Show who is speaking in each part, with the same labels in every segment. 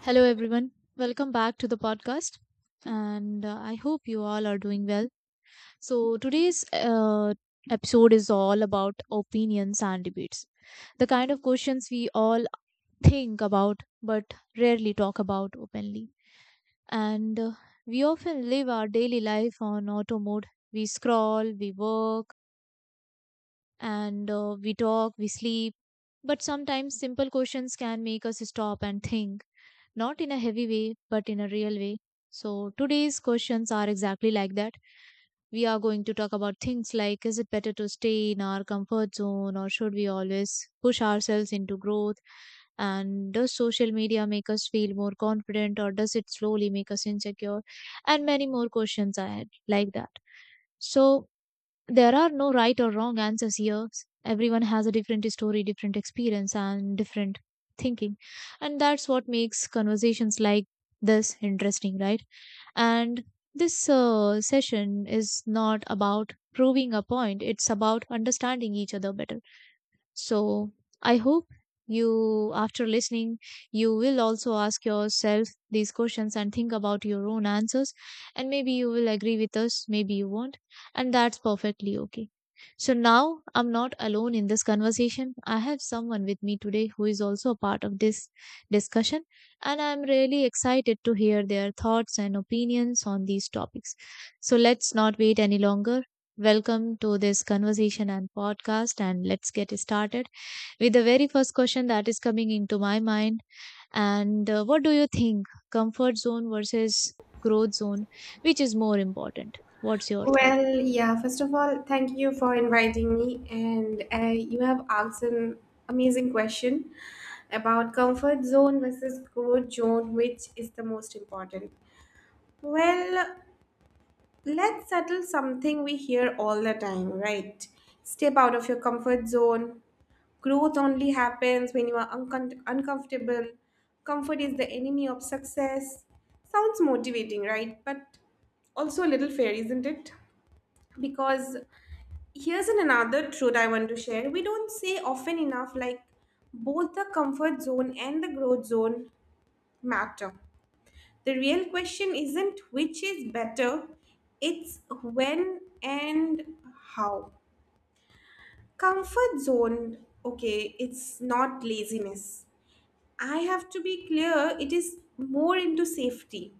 Speaker 1: Hello, everyone. Welcome back to the podcast. And I hope you all are doing well. So today's episode is all about opinions and debates. The kind of questions we all think about but rarely talk about openly. And we often live our daily life on auto mode. We scroll, we work, and we talk, we sleep. But sometimes simple questions can make us stop and think, not in a heavy way, but in a real way. So today's questions are exactly like that. We are going to talk about things like, is it better to stay in our comfort zone or should we always push ourselves into growth? And does social media make us feel more confident or does it slowly make us insecure? And many more questions I had like that. So there are no right or wrong answers here. Everyone has a different story, different experience, and different thinking. And that's what makes conversations like this interesting, right? And this session is not about proving a point, it's about understanding each other better. So I hope you, after listening, you will also ask yourself these questions and think about your own answers. And maybe you will agree with us, maybe you won't. And that's perfectly okay. So now I'm not alone in this conversation. I have someone with me today who is also a part of this discussion, and I'm really excited to hear their thoughts and opinions on these topics. So let's not wait any longer. Welcome to this conversation and podcast. And let's get started with the very first question that is coming into my mind. And what do you think, comfort zone versus growth zone, which is more important? What's your thought?
Speaker 2: Well, yeah, first of all, thank you for inviting me. And you have asked an amazing question about comfort zone versus growth zone, which is the most important. Well, let's settle something we hear all the time, right? Step out of your comfort zone. Growth only happens when you are uncomfortable. Comfort is the enemy of success. Sounds motivating, right? But also a little fair, isn't it? Because here's an another truth I want to share. We don't say often enough like both the comfort zone and the growth zone matter. The real question isn't which is better, it's when and how. Comfort zone, okay, it's not laziness. I have to be clear, it is more into safety.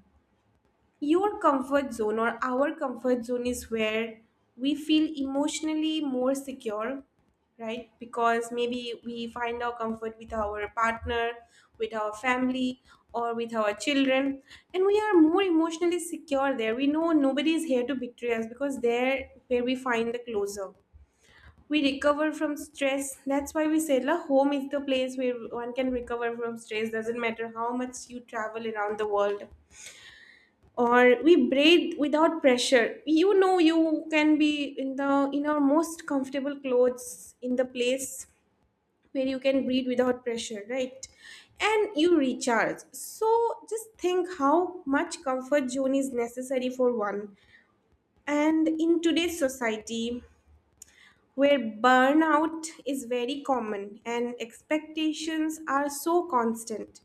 Speaker 2: Your comfort zone or our comfort zone is where we feel emotionally more secure, right? Because maybe we find our comfort with our partner, with our family, or with our children, and we are more emotionally secure there. We know nobody is here to betray us because there where we find the closure. We recover from stress. That's why we say la home is the place where one can recover from stress. Doesn't matter how much you travel around the world or we breathe without pressure, you know you can be in our most comfortable clothes in the place where you can breathe without pressure, right? And you recharge. So just think how much comfort zone is necessary for one, and in today's society where burnout is very common and expectations are so constant,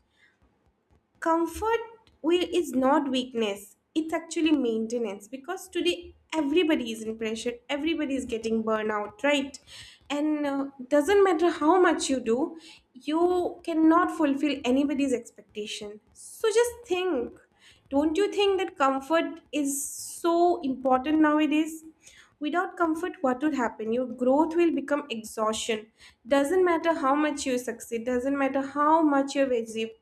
Speaker 2: comfort will is not weakness, it's actually maintenance, because today everybody is in pressure, everybody is getting burnout, right? And doesn't matter how much you do, you cannot fulfill anybody's expectation. So just think, don't you think that comfort is so important nowadays? Without comfort, what would happen? Your growth will become exhaustion. Doesn't matter how much you succeed, doesn't matter how much you've achieved.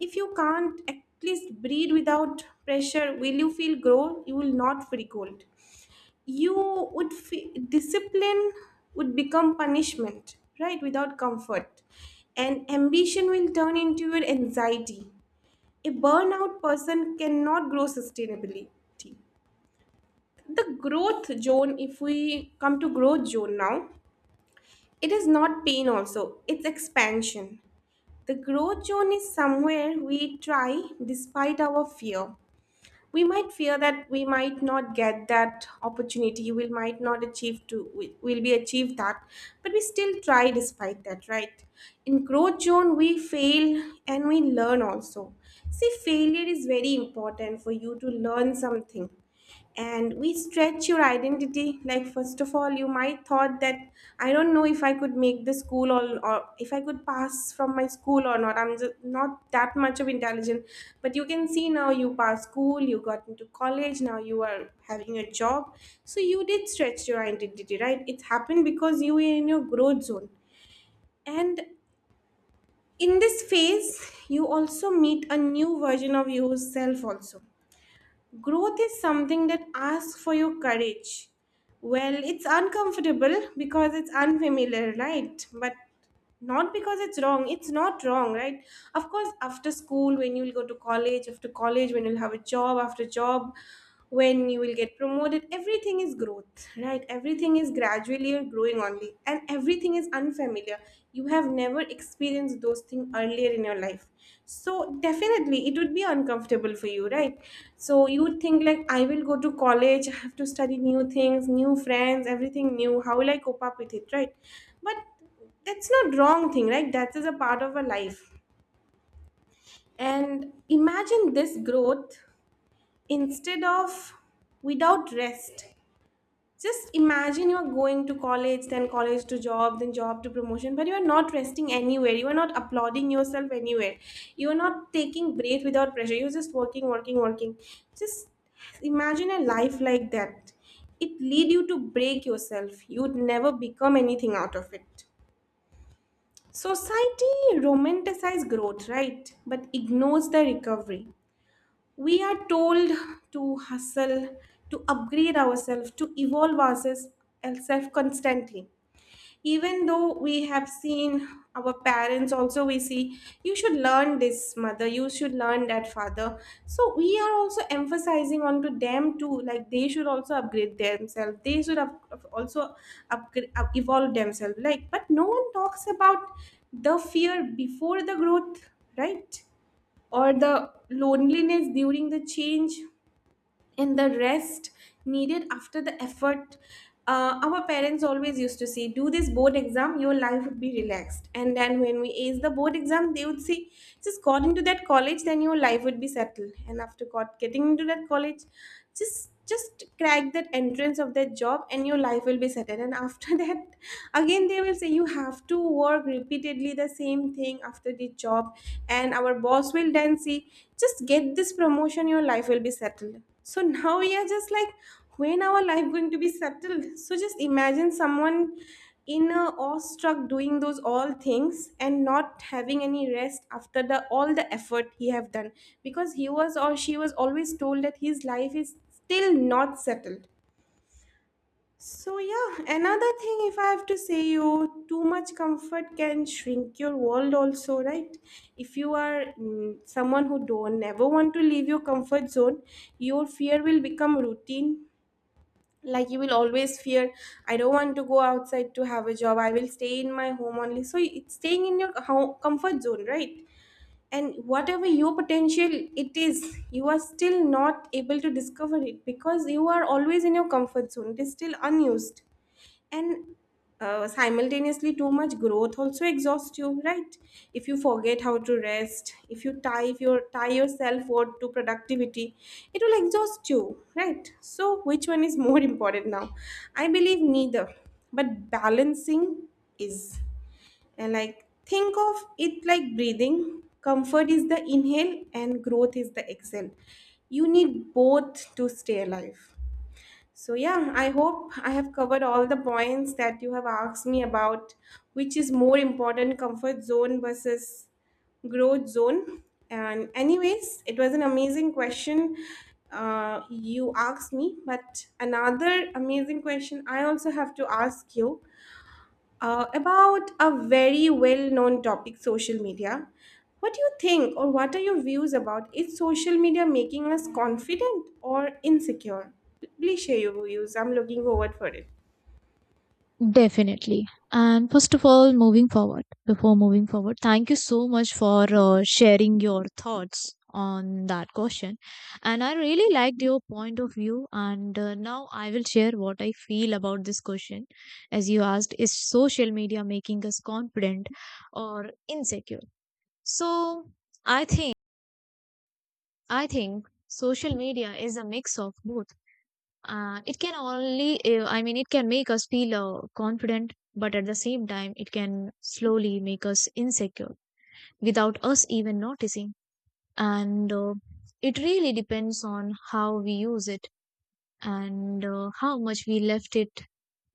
Speaker 2: If you can't at least breathe without pressure, will you feel grow? You will not feel cold. You would feel discipline would become punishment, right? Without comfort. And ambition will turn into your anxiety. A burnout person cannot grow sustainability. The growth zone, if we come to growth zone now, it is not pain also, it's expansion. The growth zone is somewhere we try despite our fear. We might fear that we might not get that opportunity, we might not achieve to we will be achieved that, but we still try despite that, right? In growth zone we fail and we learn also. See, failure is very important for you to learn something. And we stretch your identity. Like, first of all, you might thought that I don't know if I could make the school or if I could pass from my school or not, I'm just not that much of intelligent. But you can see now you passed school, you got into college, now you are having a job. So you did stretch your identity, right? It happened because you were in your growth zone. And in this phase you also meet a new version of yourself also. Growth is something that asks for your courage. Well, it's uncomfortable because it's unfamiliar, right? But not because it's wrong. It's not wrong, right? Of course, after school, when you'll go to college, after college, when you'll have a job, after job, when you will get promoted, everything is growth, right? Everything is gradually you're growing only, and everything is unfamiliar. You have never experienced those things earlier in your life. So definitely it would be uncomfortable for you, right? So you would think like I will go to college, I have to study new things, new friends, everything new, how will I cope up with it, right? But that's not wrong thing, right? That is a part of a life. And imagine this growth instead of without rest. Just imagine you are going to college, then college to job, then job to promotion, but you are not resting anywhere, you are not applauding yourself anywhere, you are not taking break without pressure, you're just working working working. Just imagine a life like that. It lead you to break yourself, you would never become anything out of it. Society romanticizes growth, right, but ignores the recovery. We are told to hustle, to upgrade ourselves, to evolve ourselves constantly. Even though we have seen our parents also, we see you should learn this mother, you should learn that father, so we are also emphasizing onto them too, like they should also upgrade themselves, they should have also evolve themselves like, but no one talks about the fear before the growth, right? Or the loneliness during the change, and the rest needed after the effort. Our parents always used to say, do this board exam, your life would be relaxed. And then when we ace the board exam, they would say, just got into that college, then your life would be settled. And after getting into that college, just crack that entrance of that job and your life will be settled, and after that again they will say you have to work repeatedly the same thing after the job, and our boss will then say just get this promotion, your life will be settled. So now we are just like, when our life going to be settled? So just imagine someone in a awestruck doing those all things and not having any rest after the all the effort he have done, because he was or she was always told that his life is still not settled. So, yeah, another thing, if I have to say you, too much comfort can shrink your world also, right? If you are someone who don't never want to leave your comfort zone, your fear will become routine. Like you will always fear, I don't want to go outside to have a job. I will stay in my home only. So it's staying in your comfort zone, right? And whatever your potential it is, you are still not able to discover it because you are always in your comfort zone. It is still unused. And simultaneously too much growth also exhausts you, right? If you forget how to rest, if you tie yourself worth to productivity, it will exhaust you, right? So which one is more important now? I believe neither, but balancing is. And like, think of it like breathing, comfort is the inhale and growth is the exhale. You need both to stay alive. So, yeah, I hope I have covered all the points that you have asked me about, which is more important, comfort zone versus growth zone. And anyways, it was an amazing question you asked me, but another amazing question I also have to ask you about a very well known topic, social media. What do you think, or what are your views about, is social media making us confident or insecure? Please share your views. I'm looking forward for it.
Speaker 1: Definitely. And first of all, moving forward, before moving forward, thank you so much for sharing your thoughts on that question. And I really liked your point of view. And now I will share what I feel about this question. As you asked, is social media making us confident or insecure? So I think, I think social media is a mix of both. It can only, I mean, it can make us feel confident, but at the same time, it can slowly make us insecure without us even noticing. And it really depends on how we use it and how much we left it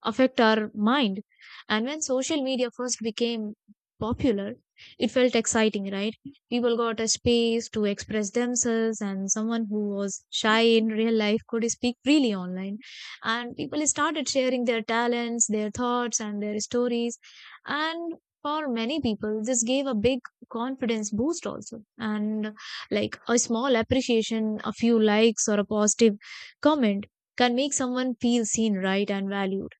Speaker 1: affect our mind. And when social media first became popular, it felt exciting, right? People got a space to express themselves, and someone who was shy in real life could speak freely online. And people started sharing their talents, their thoughts, and their stories. And for many people, this gave a big confidence boost also, and like a small appreciation, a few likes, or a positive comment can make someone feel seen, right, and valued.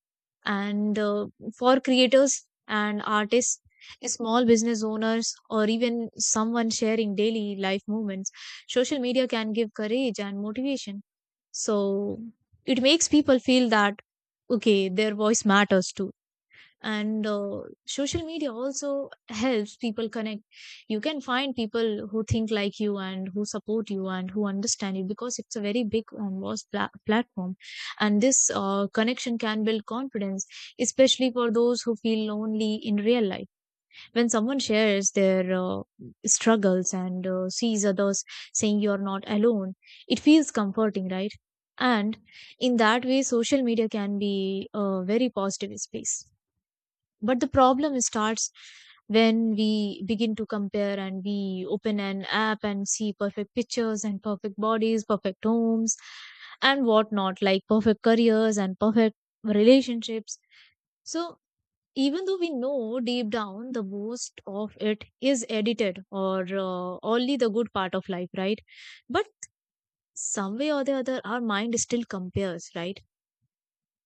Speaker 1: And For creators and artists, small business owners, or even someone sharing daily life moments, social media can give courage and motivation. So it makes people feel that okay, their voice matters too. And Social media also helps people connect. You can find people who think like you and who support you and who understand you, because it's a very big vast platform. And this connection can build confidence, especially for those who feel lonely in real life. When someone shares their struggles and sees others saying you're not alone, it feels comforting, right? And in that way social media can be a very positive space. But the problem starts when we begin to compare, and we open an app and see perfect pictures and perfect bodies, perfect homes, and whatnot, like perfect careers and perfect relationships. So, even though we know deep down the most of it is edited or only the good part of life, right? But some way or the other, our mind still compares, right?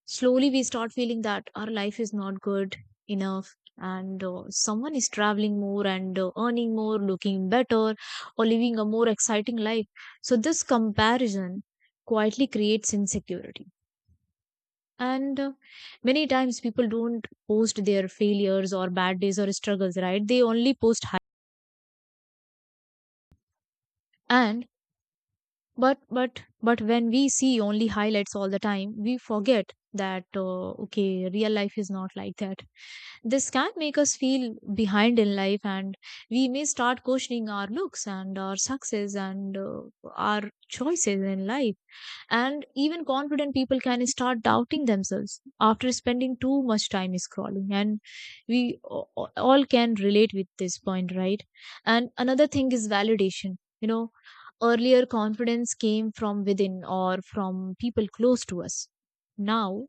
Speaker 1: Slowly we start feeling that our life is not good enough, and someone is traveling more and earning more, looking better, or living a more exciting life. So this comparison quietly creates insecurity. And Many times people don't post their failures or bad days or struggles, right? They only post high. And but but but when we see only highlights all the time, we forget that okay, real life is not like that. This can make us feel behind in life, and we may start questioning our looks and our success and our choices in life. And even confident people can start doubting themselves after spending too much time scrolling. And we all can relate with this point, right? And another thing is validation, you know. Earlier, confidence came from within or from people close to us. Now,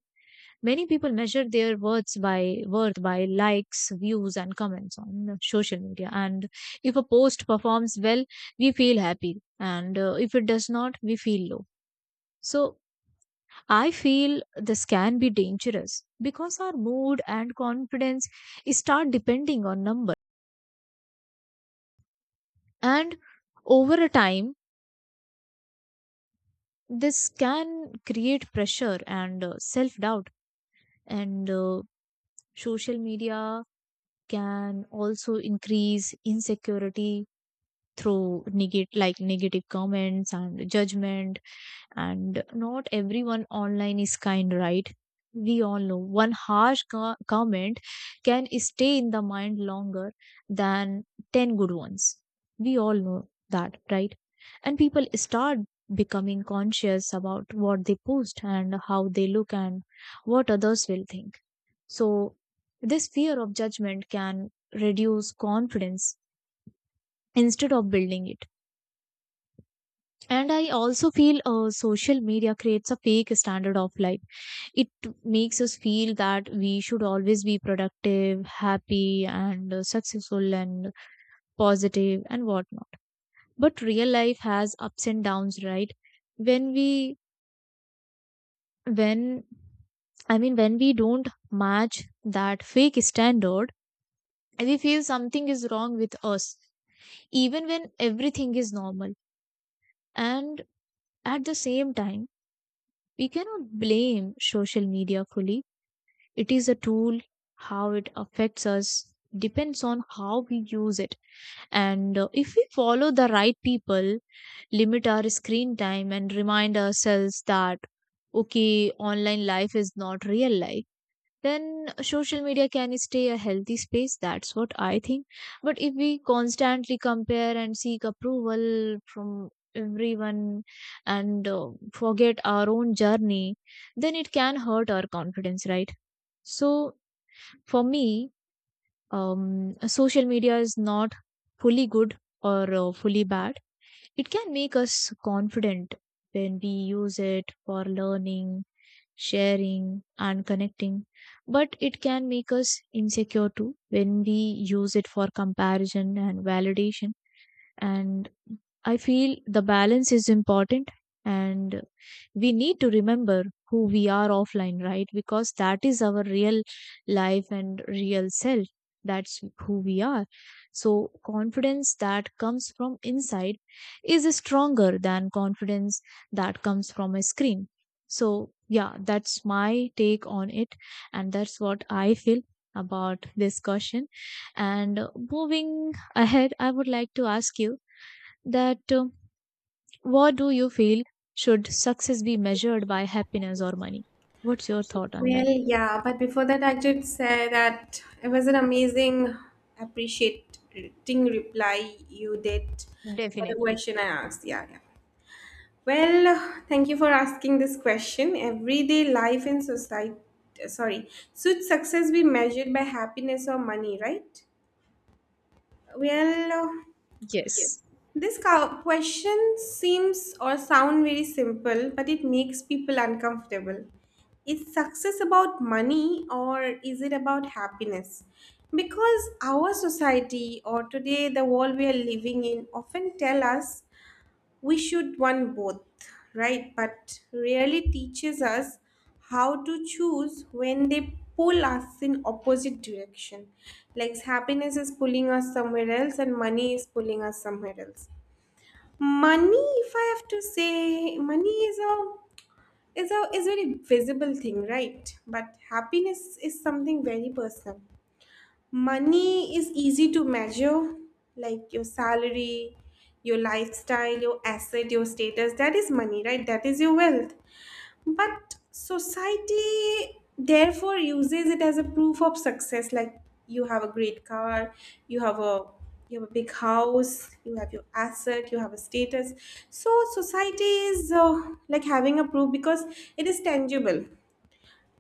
Speaker 1: many people measure their worth by likes, views, and comments on social media. And if a post performs well, we feel happy, and if it does not, we feel low. So, I feel this can be dangerous because our mood and confidence start depending on number. And over a time, this can create pressure and self doubt. And Social media can also increase insecurity through negate like negative comments and judgment. And not everyone online is kind, right? We all know one harsh comment can stay in the mind longer than 10 good ones. We all know that, right? And people start becoming conscious about what they post and how they look and what others will think. So, this fear of judgment can reduce confidence instead of building it. And I also feel social media creates a fake standard of life. It makes us feel that we should always be productive, happy, and successful and positive and whatnot. But real life has ups and downs, right? When we, when, I mean, when we don't match that fake standard, we feel something is wrong with us even when everything is normal. And at the same time, we cannot blame social media fully. It is a tool. How it affects us depends on how we use it. And if we follow the right people, limit our screen time, and remind ourselves that okay, online life is not real life, then social media can stay a healthy space. That's what I think. But if we constantly compare and seek approval from everyone and forget our own journey, then it can hurt our confidence, right? So for me, um social media is not fully good or fully bad. It can make us confident when we use it for learning, sharing, and connecting. But it can make us insecure too when we use it for comparison and validation. And I feel the balance is important. And we need to remember who we are offline, right? Because that is our real life and real self. That's who we are. So confidence that comes from inside is stronger than confidence that comes from a screen. So yeah, that's my take on it. And that's what I feel about this question. And moving ahead, I would like to ask you that what do you feel, should success be measured by happiness or money? What's your thought on that?
Speaker 2: Well, yeah, but before that, I should say that it was an amazing, appreciating reply you did for the
Speaker 1: Definitely.
Speaker 2: question I asked. Yeah, yeah. Well, thank you for asking this question. Everyday life in society, sorry, should success be measured by happiness or money, right? Well, uh, Yes.
Speaker 1: Yes.
Speaker 2: This question seems or sound very simple, but it makes people uncomfortable. Is success about money or is it about happiness? Because our society or today the world we are living in often tell us we should want both, right, but really teaches us how to choose when they pull us in opposite direction. Like happiness is pulling us somewhere else and money is pulling us somewhere else. Money, if I have to say, money is a is very visible thing, right? But happiness is something very personal. Money is easy to measure, like your salary, your lifestyle, your asset, your status. That is money, right? That is your wealth. But society therefore uses it as a proof of success, like you have a great car, you have a you have a big house, you have your asset, you have a status. So society is like having a proof because it is tangible.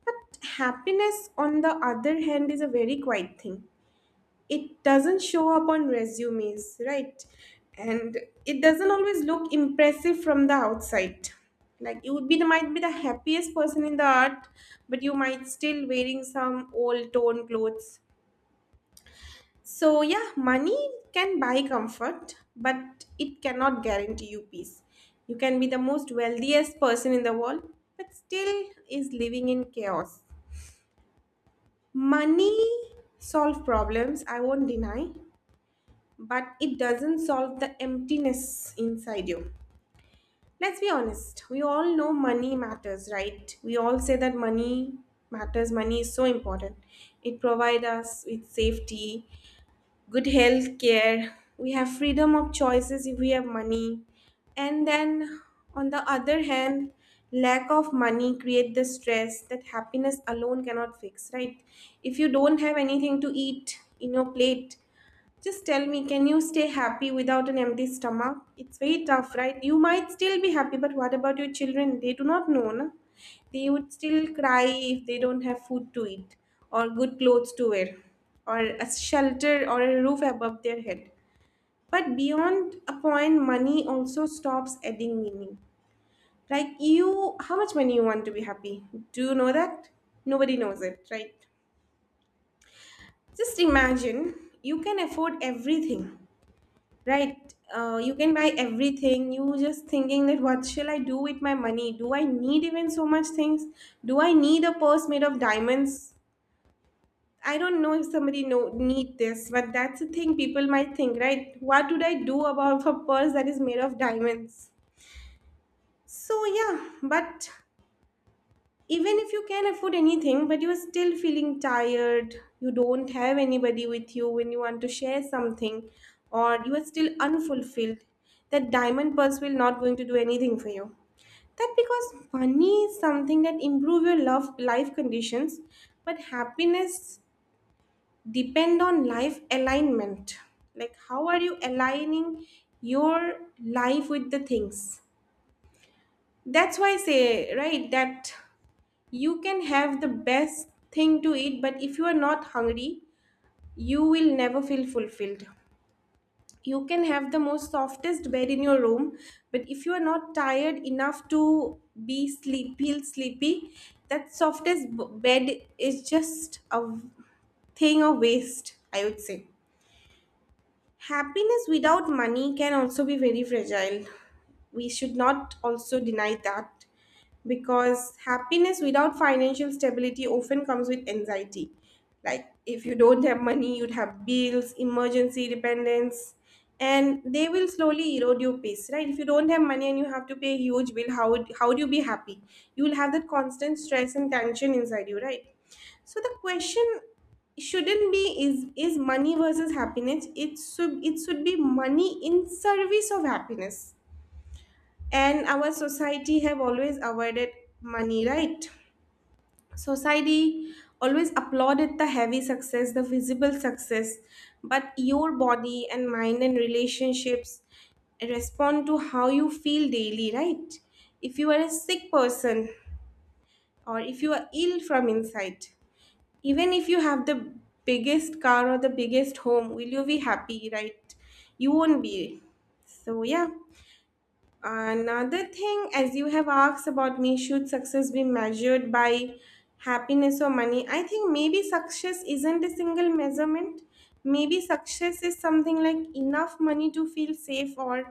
Speaker 2: But happiness, on the other hand, is a very quiet thing. It doesn't show up on resumes, right? And it doesn't always look impressive from the outside. Like you would be the might be the happiest person in the art, but you might still wearing some old torn clothes. So yeah, money can buy comfort, but it cannot guarantee you peace. You can be the most wealthiest person in the world, but still is living in chaos. Money solve problems, I won't deny, but it doesn't solve the emptiness inside you. Let's be honest, we all know money matters, right? We all say that money matters, money is so important. It provides us with safety, good health care, we have freedom of choices if we have money. And then on the other hand, lack of money create the stress that happiness alone cannot fix, right? If you don't have anything to eat in your plate, just tell me, can you stay happy without an empty stomach? It's very tough, right? You might still be happy, but what about your children? They do not know, na? They would still cry if they don't have food to eat, or good clothes to wear, or a shelter or a roof above their head. But beyond a point, money also stops adding meaning. Like you, how much money you want to be happy? Do you know that? Nobody knows it, right? Just imagine you can afford everything. Right. You can buy everything. You just thinking that what shall I do with my money? Do I need even so much things? Do I need a purse made of diamonds? I don't know if somebody know need this, but that's the thing people might think, right? What would I do about a purse that is made of diamonds? So yeah, but even if you can afford anything but you are still feeling tired, you don't have anybody with you when you want to share something, or you are still unfulfilled, that diamond purse will not going to do anything for you. That because money is something that improve your love life conditions, but happiness depend on life alignment, like how are you aligning your life with the things. That's why I say right that you can have the best thing to eat, but if you are not hungry, you will never feel fulfilled. You can have the most softest bed in your room, but if you are not tired enough to be sleep, feel sleepy, that softest bed is just a thing of waste, I would say. Happiness without money can also be very fragile. We should not also deny that because happiness without financial stability often comes with anxiety. Like if you don't have money, you'd have bills, emergency dependence, and they will slowly erode your peace, right? If you don't have money and you have to pay a huge bill, how do you be happy? You will have that constant stress and tension inside you, right? So the question shouldn't be is money versus happiness. It should be money in service of happiness. And our society have always avoided money, right? Society always applauded the heavy success, the visible success, but your body and mind and relationships respond to how you feel daily, right? If you are a sick person or if you are ill from inside, even if you have the biggest car or the biggest home, will you be happy? Right, you won't be. So yeah, another thing, as you have asked about me, should success be measured by happiness or money? I think maybe success isn't a single measurement. Maybe success is something like enough money to feel safe, or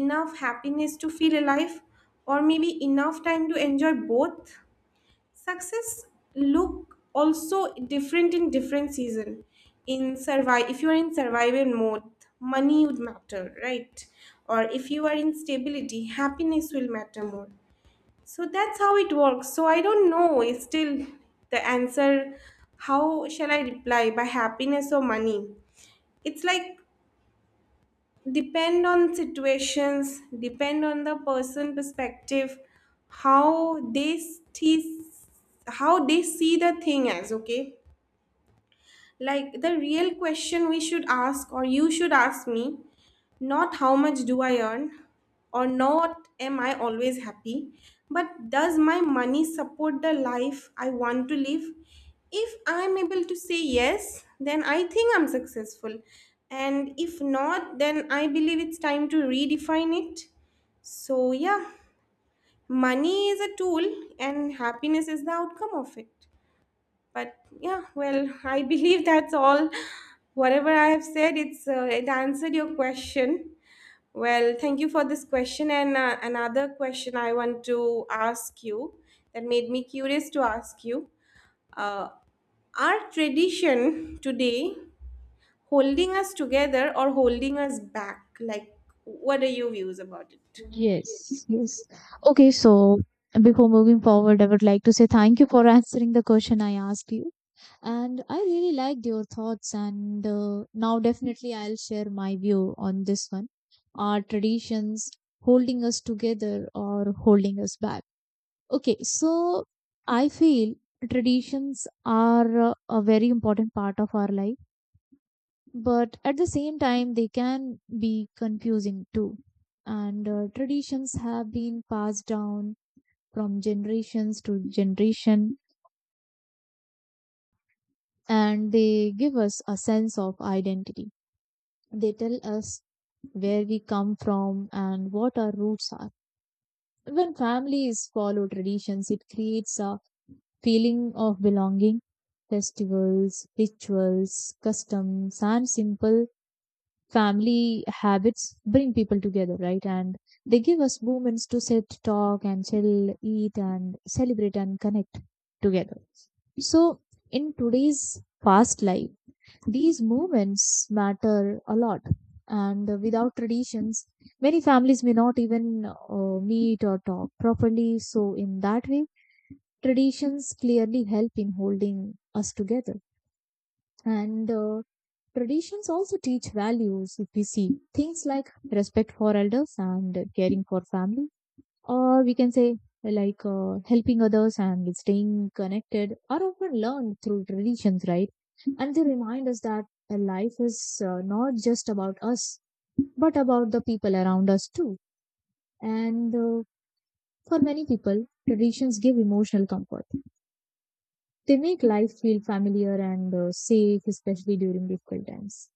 Speaker 2: enough happiness to feel alive, or maybe enough time to enjoy both. Success look also different in different season. In survive If you are in survival mode, money would matter, right? Or if you are in stability, happiness will matter more. So that's how it works. So I don't know, is still the answer how shall I reply, by happiness or money? It's like, depend on situations, depend on the person perspective, how they see how they see the thing as okay. Like the real question we should ask, or you should ask me, not how much do I earn, or not am I always happy, but does my money support the life I want to live? If I'm able to say yes, then I think I'm successful. And if not, then I believe it's time to redefine it. So, yeah, money is a tool, and happiness is the outcome of it. But yeah, well, I believe that's all, whatever I have said. It answered your question. Well, thank you for this question. And another question I want to ask you that made me curious to ask you, uh, are tradition today holding us together or holding us back? Like what are your views about it?
Speaker 1: Yes. Okay, so before moving forward I would like to say thank you for answering the question I asked you. And I really liked your thoughts, and now definitely I'll share my view on this one. Are traditions holding us together or holding us back? Okay, so I feel traditions are a very important part of our life, but at the same time, they can be confusing too. And traditions have been passed down from generations to generation, and they give us a sense of identity. They tell us where we come from and what our roots are. When families follow traditions, it creates a feeling of belonging. Festivals, rituals, customs, and simple family habits bring people together, right? And they give us moments to sit, talk, and chill, eat, and celebrate and connect together. So, in today's fast life, these moments matter a lot. And without traditions, many families may not even meet or talk properly. So, in that way, traditions clearly help in holding us together. And traditions also teach values. If we see things like respect for elders and caring for family, or we can say like helping others and staying connected, are often learned through traditions, right? And they remind us that life is not just about us, but about the people around us too. And for many people, traditions give emotional comfort. They make life feel familiar and safe, especially during difficult times.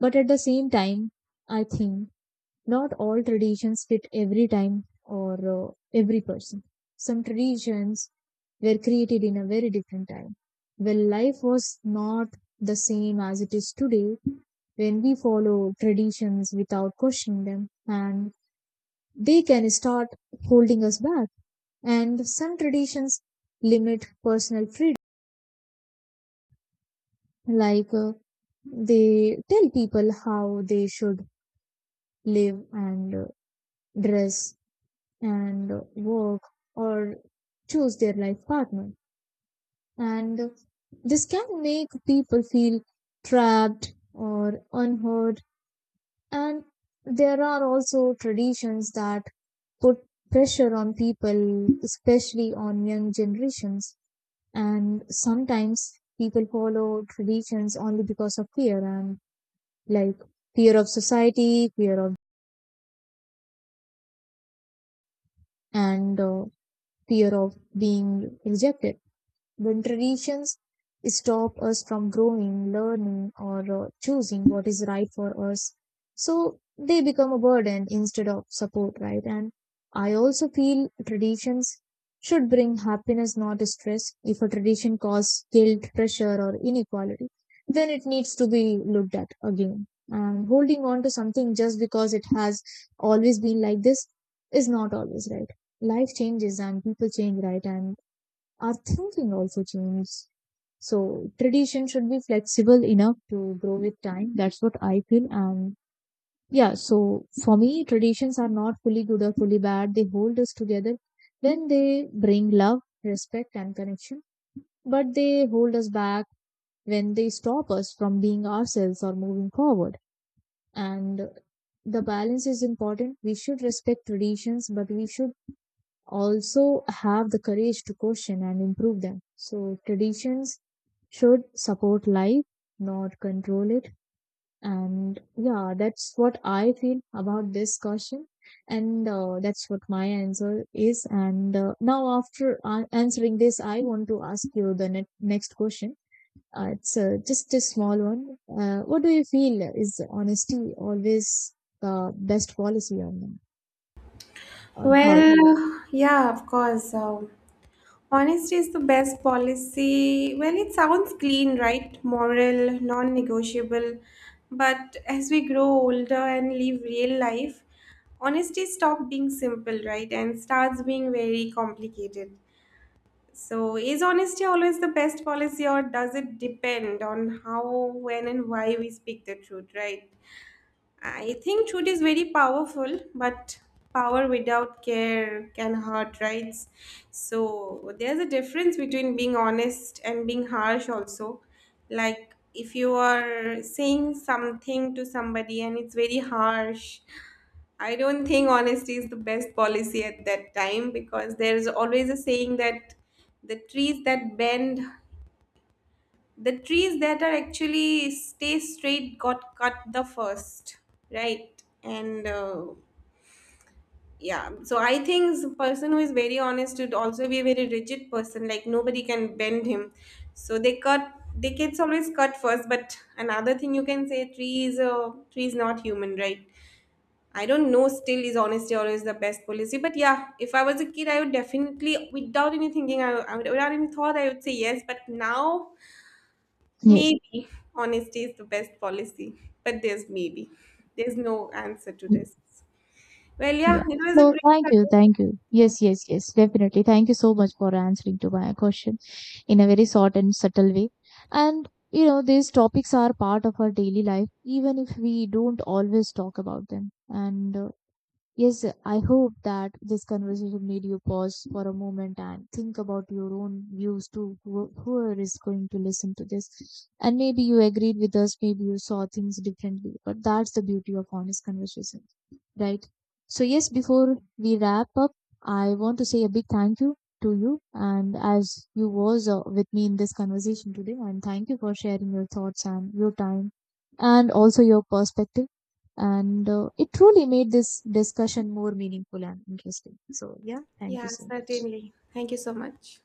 Speaker 1: But at the same time, I think not all traditions fit every time or every person. Some traditions were created in a very different time. When life was not the same as it is today, when we follow traditions without questioning them, and they can start holding us back. And some traditions limit personal freedom, like they tell people how they should live and dress and work or choose their life partner. And this can make people feel trapped or unheard. And there are also traditions that put pressure on people, especially on young generations. And sometimes people follow traditions only because of fear and like fear of society, fear of and fear of being rejected. When traditions stop us from growing, learning, or choosing what is right for us, so they become a burden instead of support, right? And I also feel traditions should bring happiness, not stress. If a tradition causes guilt, pressure, or inequality, then it needs to be looked at again. And holding on to something just because it has always been like this is not always right. Life changes and people change, right? And our thinking also changes. So tradition should be flexible enough to grow with time. That's what I feel. And yeah, so for me, traditions are not fully good or fully bad. They hold us together when they bring love, respect, and connection. But they hold us back when they stop us from being ourselves or moving forward. And the balance is important. We should respect traditions, but we should also have the courage to question and improve them. So traditions should support life, not control it. And yeah, that's what I feel about this question. And that's what my answer is. And now, after answering this, I want to ask you the next question. It's just a small one. What do you feel, is honesty always the best policy, or not? Or how?
Speaker 2: Well, yeah, of course. Honesty is the best policy. Well, it sounds clean, right? Moral, non negotiable. But as we grow older and live real life, honesty stops being simple, right? And starts being very complicated. So, is honesty always the best policy, or does it depend on how, when, and why we speak the truth, right? I think truth is very powerful, but power without care can hurt, right? So there's a difference between being honest and being harsh, also. Like if you are saying something to somebody and it's very harsh, I don't think honesty is the best policy at that time, because there's always a saying that the trees that bend the trees that are actually stay straight got cut the first, right. And yeah, so I think person who is very honest would also be a very rigid person, like nobody can bend him. So they cut the kids always cut first. But another thing you can say, tree is not human, right? I don't know, still is honesty always the best policy. But yeah, if I was a kid, I would definitely, without any thinking, without any thought I would say yes. But now
Speaker 1: Yes.
Speaker 2: maybe honesty is the best policy, but there's maybe. There's no answer to this. Well,
Speaker 1: Yeah.
Speaker 2: yeah, it was a
Speaker 1: So
Speaker 2: great
Speaker 1: thank you,
Speaker 2: conversation
Speaker 1: thank you.
Speaker 2: with you.
Speaker 1: Yes, definitely. Thank you so much for answering to my question in a very short and subtle way. And you know, these topics are part of our daily life, even if we don't always talk about them. And Yes, I hope that this conversation made you pause for a moment and think about your own views too. Whoever is going to listen to this, and maybe you agreed with us, maybe you saw things differently. But that's the beauty of honest conversation, right? So yes, before we wrap up, I want to say a big thank you to you, and as you was with me in this conversation today, and thank you for sharing your thoughts and your time, and also your perspective. And it truly made this discussion more meaningful and interesting. So, yeah, thank
Speaker 2: Yeah,
Speaker 1: you so much.
Speaker 2: certainly. Thank you so much.